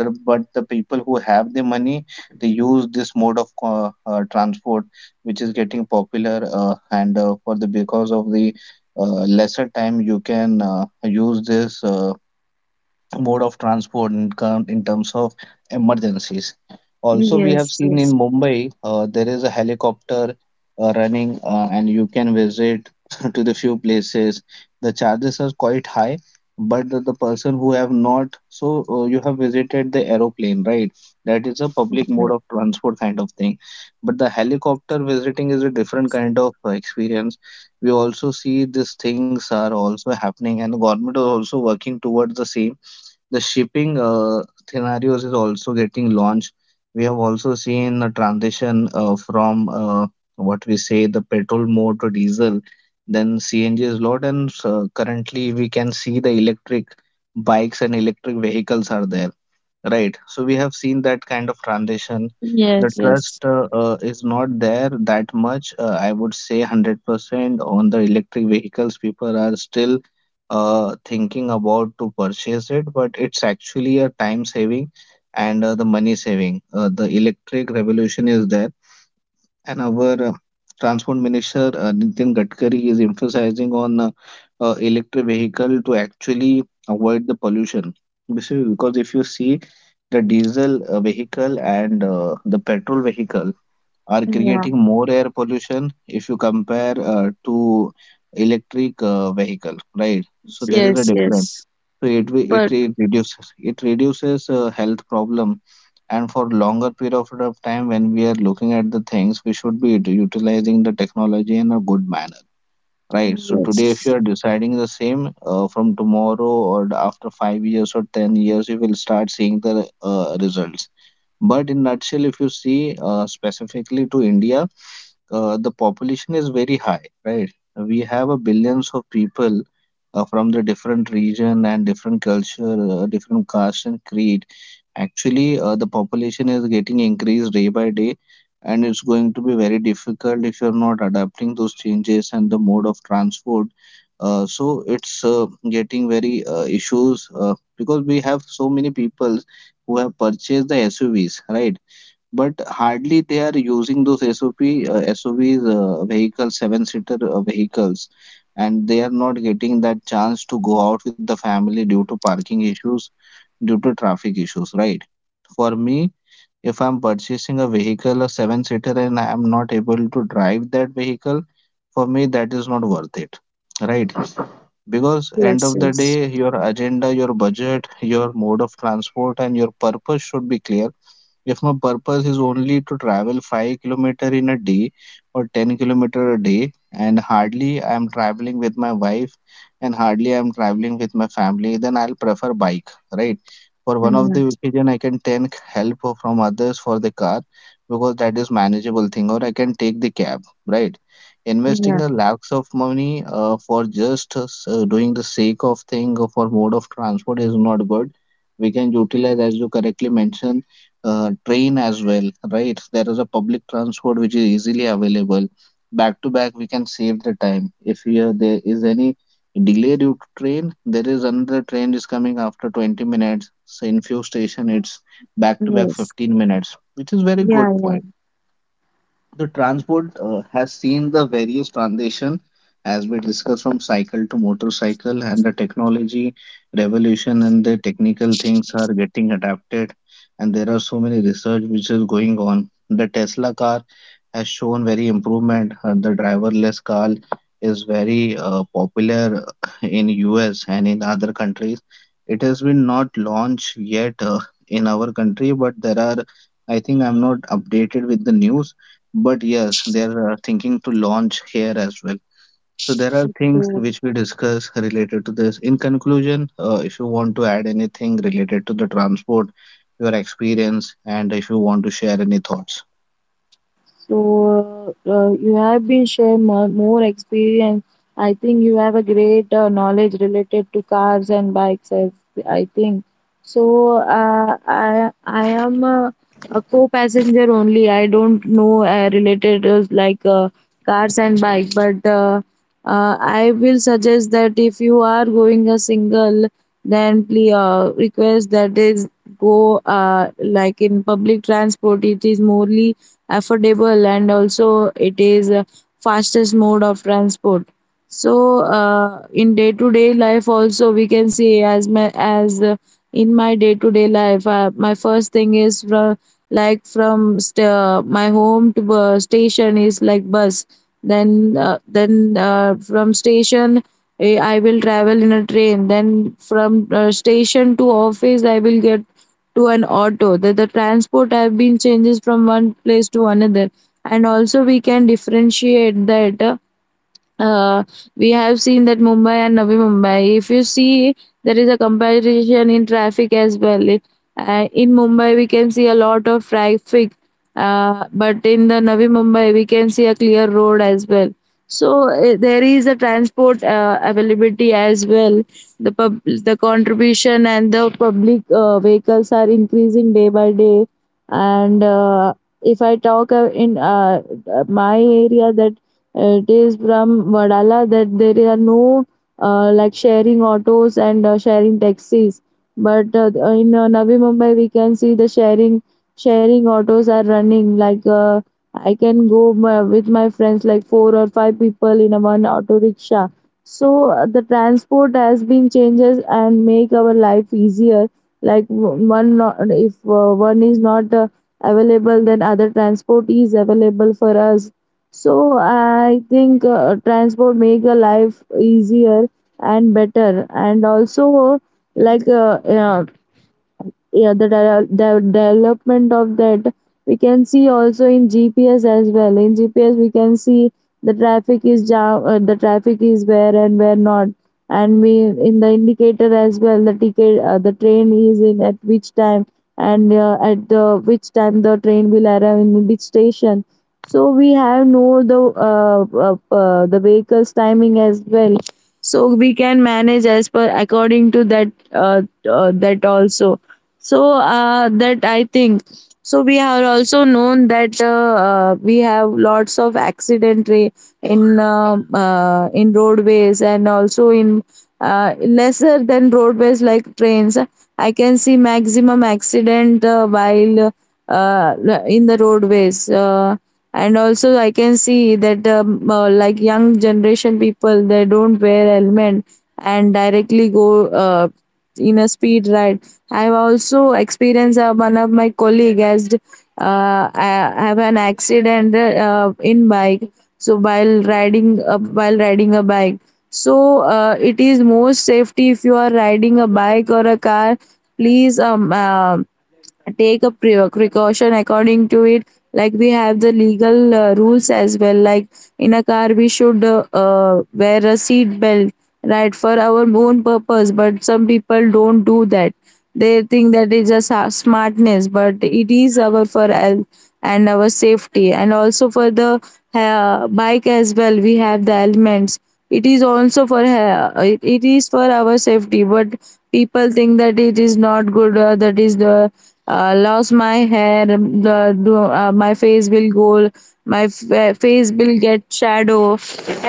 But the people who have the money, they use this mode of transport, which is getting popular, and for the because of the lesser time you can use this mode of transport in, in terms of emergencies. Also, we yes, have seen yes. in Mumbai there is a helicopter running, and you can visit to the few places. The charges are quite high, but the person who have not, so you have visited the aeroplane, right? That is a public Okay. mode of transport kind of thing. But the helicopter visiting is a different kind of experience. We also see these things are also happening, and the government is also working towards the same. The shipping scenarios is also getting launched. We have also seen the transition from what we say the petrol mode to diesel, then CNG is lot, and currently we can see the electric bikes and electric vehicles are there. Right. So we have seen that kind of transition. The Yes, trust yes, is not there that much. I would say 100% on the electric vehicles. People are still thinking about to purchase it, but it's actually a time saving and the money saving. The electric revolution is there. And our transport minister Nitin Gadkari is emphasizing on electric vehicle to actually avoid the pollution. Basically, because if you see the diesel vehicle and the petrol vehicle are yeah. creating more air pollution if you compare to electric vehicle, right? So there is a Yes, difference. yes. So But it reduces, it reduces health problem, and for longer period of time, when we are looking at the things, we should be utilizing the technology in a good manner, right? So today if you yes, are deciding the same, from tomorrow or after 5 years or 10 years, you will start seeing the results. But in nutshell, if you see, specifically to india, the population is very high, right? We have a billions of people from the different region and different culture, different caste and creed. Actually, the population is getting increased day by day, and it's going to be very difficult if you're not adapting those changes and the mode of transport. So it's getting very issues because we have so many people who have purchased the SUVs, right? But hardly they are using those SOVs, vehicles, seven-seater vehicles, and they are not getting that chance to go out with the family due to parking issues, due to traffic issues, right? For me, if I'm purchasing a vehicle, a seven-seater, and I am not able to drive that vehicle, for me that is not worth it, right? Because end yes, of the yes, day, your agenda, your budget, your mode of transport and your purpose should be clear. If my purpose is only to travel 5 kilometer in a day or 10 kilometer a day, and hardly I am traveling with my wife, and hardly I am traveling with my family, then I'll prefer bike, right? For one of yeah, the occasion I can take help from others for the car because that is manageable thing, or I can take the cab, right? Investing yeah. a lakhs of money for just doing the sake of thing or for mode of transport is not good. We can utilize, as you correctly mentioned, train as well, right? There is a public transport which is easily available. Back to back, we can save the time. If here there is any delay due to train, there is another train is coming after 20 minutes. So in few station, it's back to back Yes, 15 minutes, which is very yeah, good yeah. point. The transport has seen the various transition as we discussed, from cycle to motorcycle, and the technology revolution and the technical things are getting adapted, and there are so many research which is going on. The Tesla car has shown very improvement. The driverless car is very popular in US and in other countries. It has been not launched yet in our country, but there are, I think, I'm not updated with the news, but yes, they are thinking to launch here as well. So there are things So which we discuss related to this. In conclusion, if you want to add anything related to the transport, your experience, and if you want to share any thoughts. So, you have been sharing more experience. I think you have a great knowledge related to cars and bikes, as I think. So I am a co-passenger only. I don't know related like cars and bike, but I will suggest that if you are going a single, then please request that is go like in public transport. It is morely affordable and also it is fastest mode of transport. So in day to day life also we can see as my as in my day to day life, my first thing is from my home to station is like bus. Then from station, I will travel in a train. Then from station to office I will get to an auto. The transport have been changes from one place to another, and also we can differentiate that uh, we have seen that Mumbai and Navi Mumbai. If you see, there is a comparison in traffic as well. In Mumbai, we can see a lot of traffic, but in the Navi Mumbai, we can see a clear road as well. So there is a transport availability as well. The contribution and the public vehicles are increasing day by day, and if I talk in my area that it is from Vadala, that there are no like sharing autos and sharing taxis. But in Navi Mumbai, we can see the sharing autos are running. Like I can go with my friends, like four or five people in a one auto rickshaw. So the transport has been changes and make our life easier. Like w- one, not, if one is not available, then other transport is available for us. So I think transport make a life easier and better, and also like yeah, yeah, the development of that we can see also in GPS as well. In GPS we can see the traffic is jam, the traffic is where and where not, and we in the indicator as well, the ticket, the train is in at which time, and at the which time the train will arrive in which station. So we have know the vehicles timing as well, so we can manage as per according to that, that also. So that I think. So we have also known that we have lots of accident in roadways and also in lesser than roadways like trains. I can see maximum accident while uh, in the roadways, and also I can see that like young generation people, they don't wear helmet and directly go in a speed ride. I've also experienced one of my colleague has have an accident in bike. So while riding a bike, so it is more safety. If you are riding a bike or a car, please take a precaution according to it. Like we have the legal rules as well. Like in a car we should wear a seat belt, right, for our own purpose, but some people don't do that. They think that is smartness, but it is our for health and our safety, and also for the bike as well. We have the elements. It is also for it is for our safety, but people think that it is not good. That is the lost my hair. The My face will go, face will get shadow,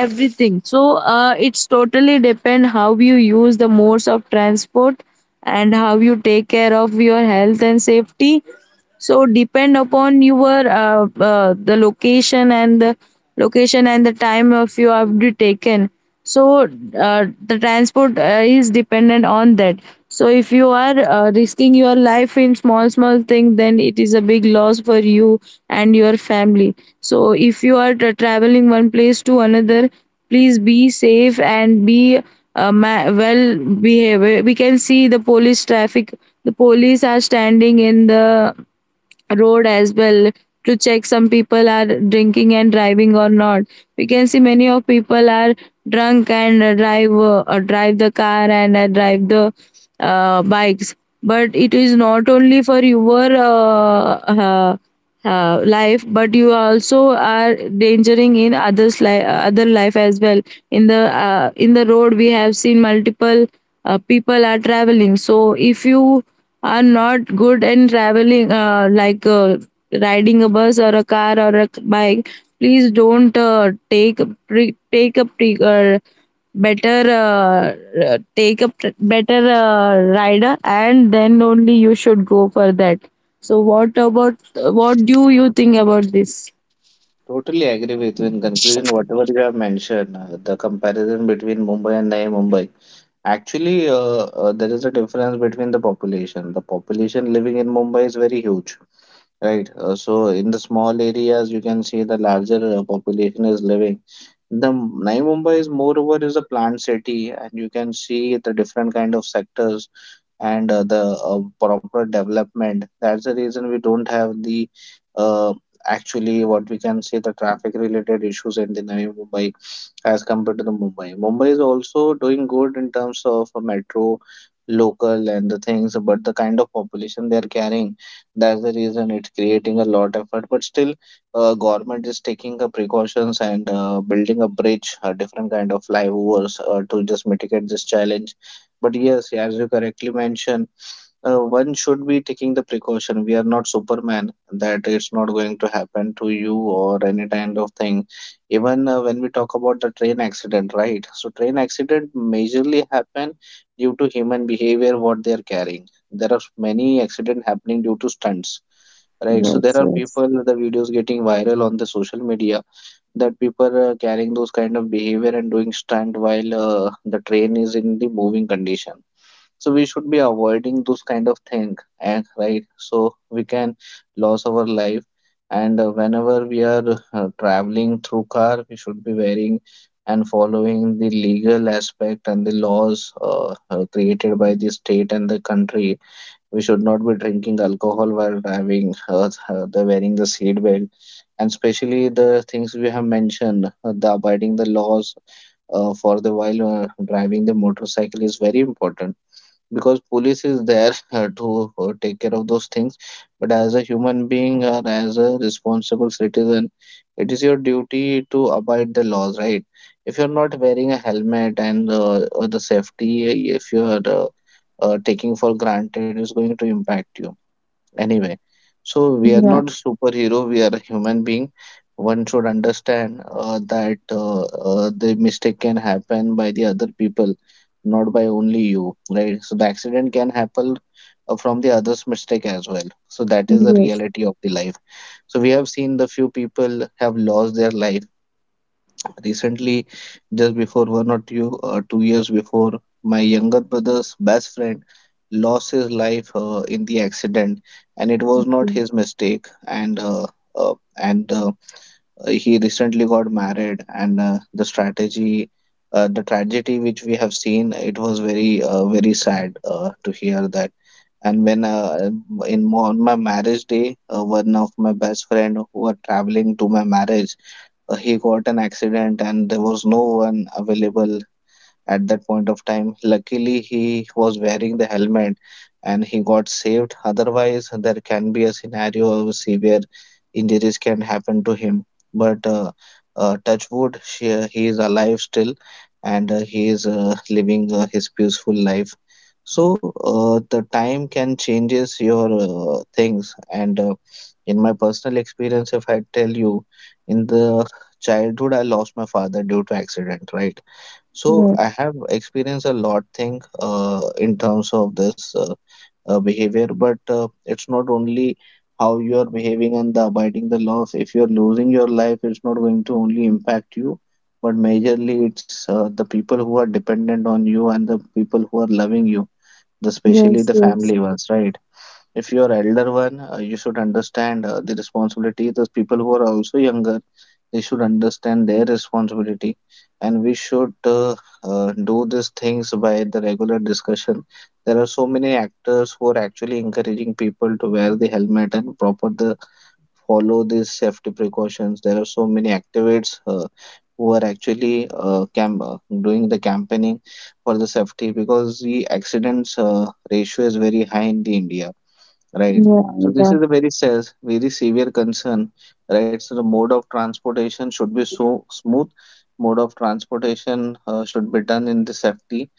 everything. So it's totally depend how you use the modes of transport and how you take care of your health and safety. So depend upon your the location and the time of you have to taken. So the transport is dependent on that. So if you are risking your life in small small thing, then it is a big loss for you and your family. So if you are tra- traveling one place to another, please be safe and be well behaved. We can see the police traffic, the police are standing in the road as well, to check some people are drinking and driving or not. We can see many of people are drunk and drive the car and drive the bikes. But it is not only for your life, but you also are endangering in other life as well. In the uh, in the road we have seen multiple people are traveling. So if you are not good in traveling riding a bus or a car or a bike, please don't better take a pr- better rider, and then only you should go for that. So what do you think about this? Totally agree with you. In conclusion, whatever you have mentioned, the comparison between Mumbai and Navi Mumbai, actually, there is a difference between the population. The population living in Mumbai is very huge. Right. So in the small areas, you can see the larger population is living. The Navi Mumbai is moreover is a planned city, and you can see the different kind of sectors and the proper development. That's the reason we don't have the uh, actually what we can say the traffic related issues in the Navi Mumbai as compared to the Mumbai. Mumbai is also doing good in terms of a metro, local, and the things, but the kind of population they are carrying, that's the reason it's creating a lot effort. But still, government is taking the precautions and building a bridge, a different kind of flyovers to just mitigate this challenge. But yes, as you correctly mentioned, one should be taking the precaution. We are not Superman, that it's not going to happen to you or any kind of thing. Even when we talk about the train accident, right? So train accident majorly happen due to human behavior, what they are carrying. There are many accident happening due to stunts. Right, so there Yes, are yes. people, the videos getting viral on the social media, that people are carrying those kind of behavior and doing stunt while the train is in the moving condition. So we should be avoiding those kind of thing, and right, so we can lose our life. And whenever we are traveling through car, we should be wearing and following the legal aspect and the laws created by the state and the country. We should not be drinking alcohol while driving, the wearing the seat belt, and especially the things we have mentioned, the abiding the laws for the while driving the motorcycle is very important because police is there to take care of those things. But as a human being and as a responsible citizen, it is your duty to abide the laws, right? If you're not wearing a helmet, and the safety if you're taking for granted, is going to impact you anyway. So we are Yeah, not superhero, we are a human being. One should understand that the mistake can happen by the other people, not by only you, right? So the accident can happen from the others mistake as well, so that is the yes. reality of the life. So we have seen the few people have lost their life. Recently, just before 2 years before, my younger brother's best friend lost his life in the accident, and it was not his mistake. And he recently got married, and the tragedy which we have seen, it was very very sad to hear that. And when in on my marriage day, one of my best friend who were traveling to my marriage, he got an accident and there was no one available at that point of time. Luckily, he was wearing the helmet and he got saved. Otherwise, there can be a scenario of severe injuries can happen to him. But touch wood, he is alive still and he is living his peaceful life. So the time can changes your things, and in my personal experience, if I tell you, in the childhood I lost my father due to accident, right? So Yeah. I have experienced a lot thing in terms of this behavior, but it's not only how you are behaving and the abiding the laws. If you're losing your life, it's not going to only impact you, but majorly it's the people who are dependent on you and the people who are loving you, the, especially Yes, the yes. family ones, right? If you are elder one, you should understand the responsibility. Those people who are also younger, they should understand their responsibility, and we should do these things by the regular discussion. There are so many actors who are actually encouraging people to wear the helmet and proper the follow these safety precautions. There are so many activists who are actually doing the campaigning for the safety because the accidents ratio is very high in the India, right? Yeah, So this yeah, is a very says very severe concern, right? So the mode of transportation should be so smooth. Mode of transportation should be done in the safety,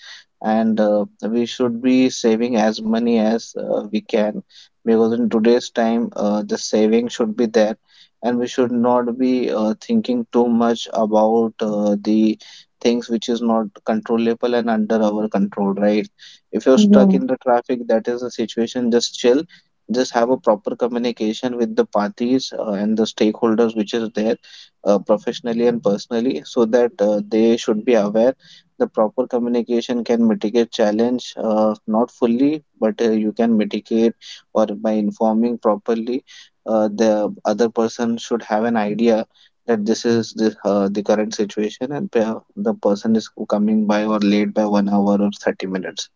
and we should be saving as money as we can because in today's time the saving should be there, and we should not be thinking too much about the things which is not controllable and under our control, right? If you're stuck yeah. in the traffic, that is the situation. Just chill, just have a proper communication with the parties and the stakeholders which is there professionally and personally so that they should be aware. The proper communication can mitigate challenge, not fully, but you can mitigate or by informing properly. The other person should have an idea that this is the current situation and the person is coming by or late by 1 hour or 30 minutes,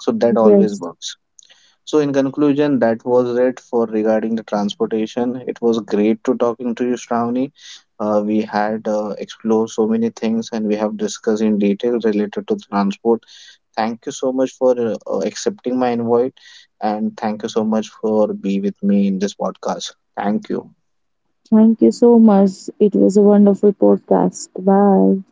so that always Yes. works. So in conclusion, that was it for regarding the transportation. It was great to talking to you, Shravani. We had explored so many things and we have discussed in detail related to the transport. Thank you so much for accepting my invite and thank you so much for be with me in this podcast. Thank you. Thank you so much. It was a wonderful podcast. Bye.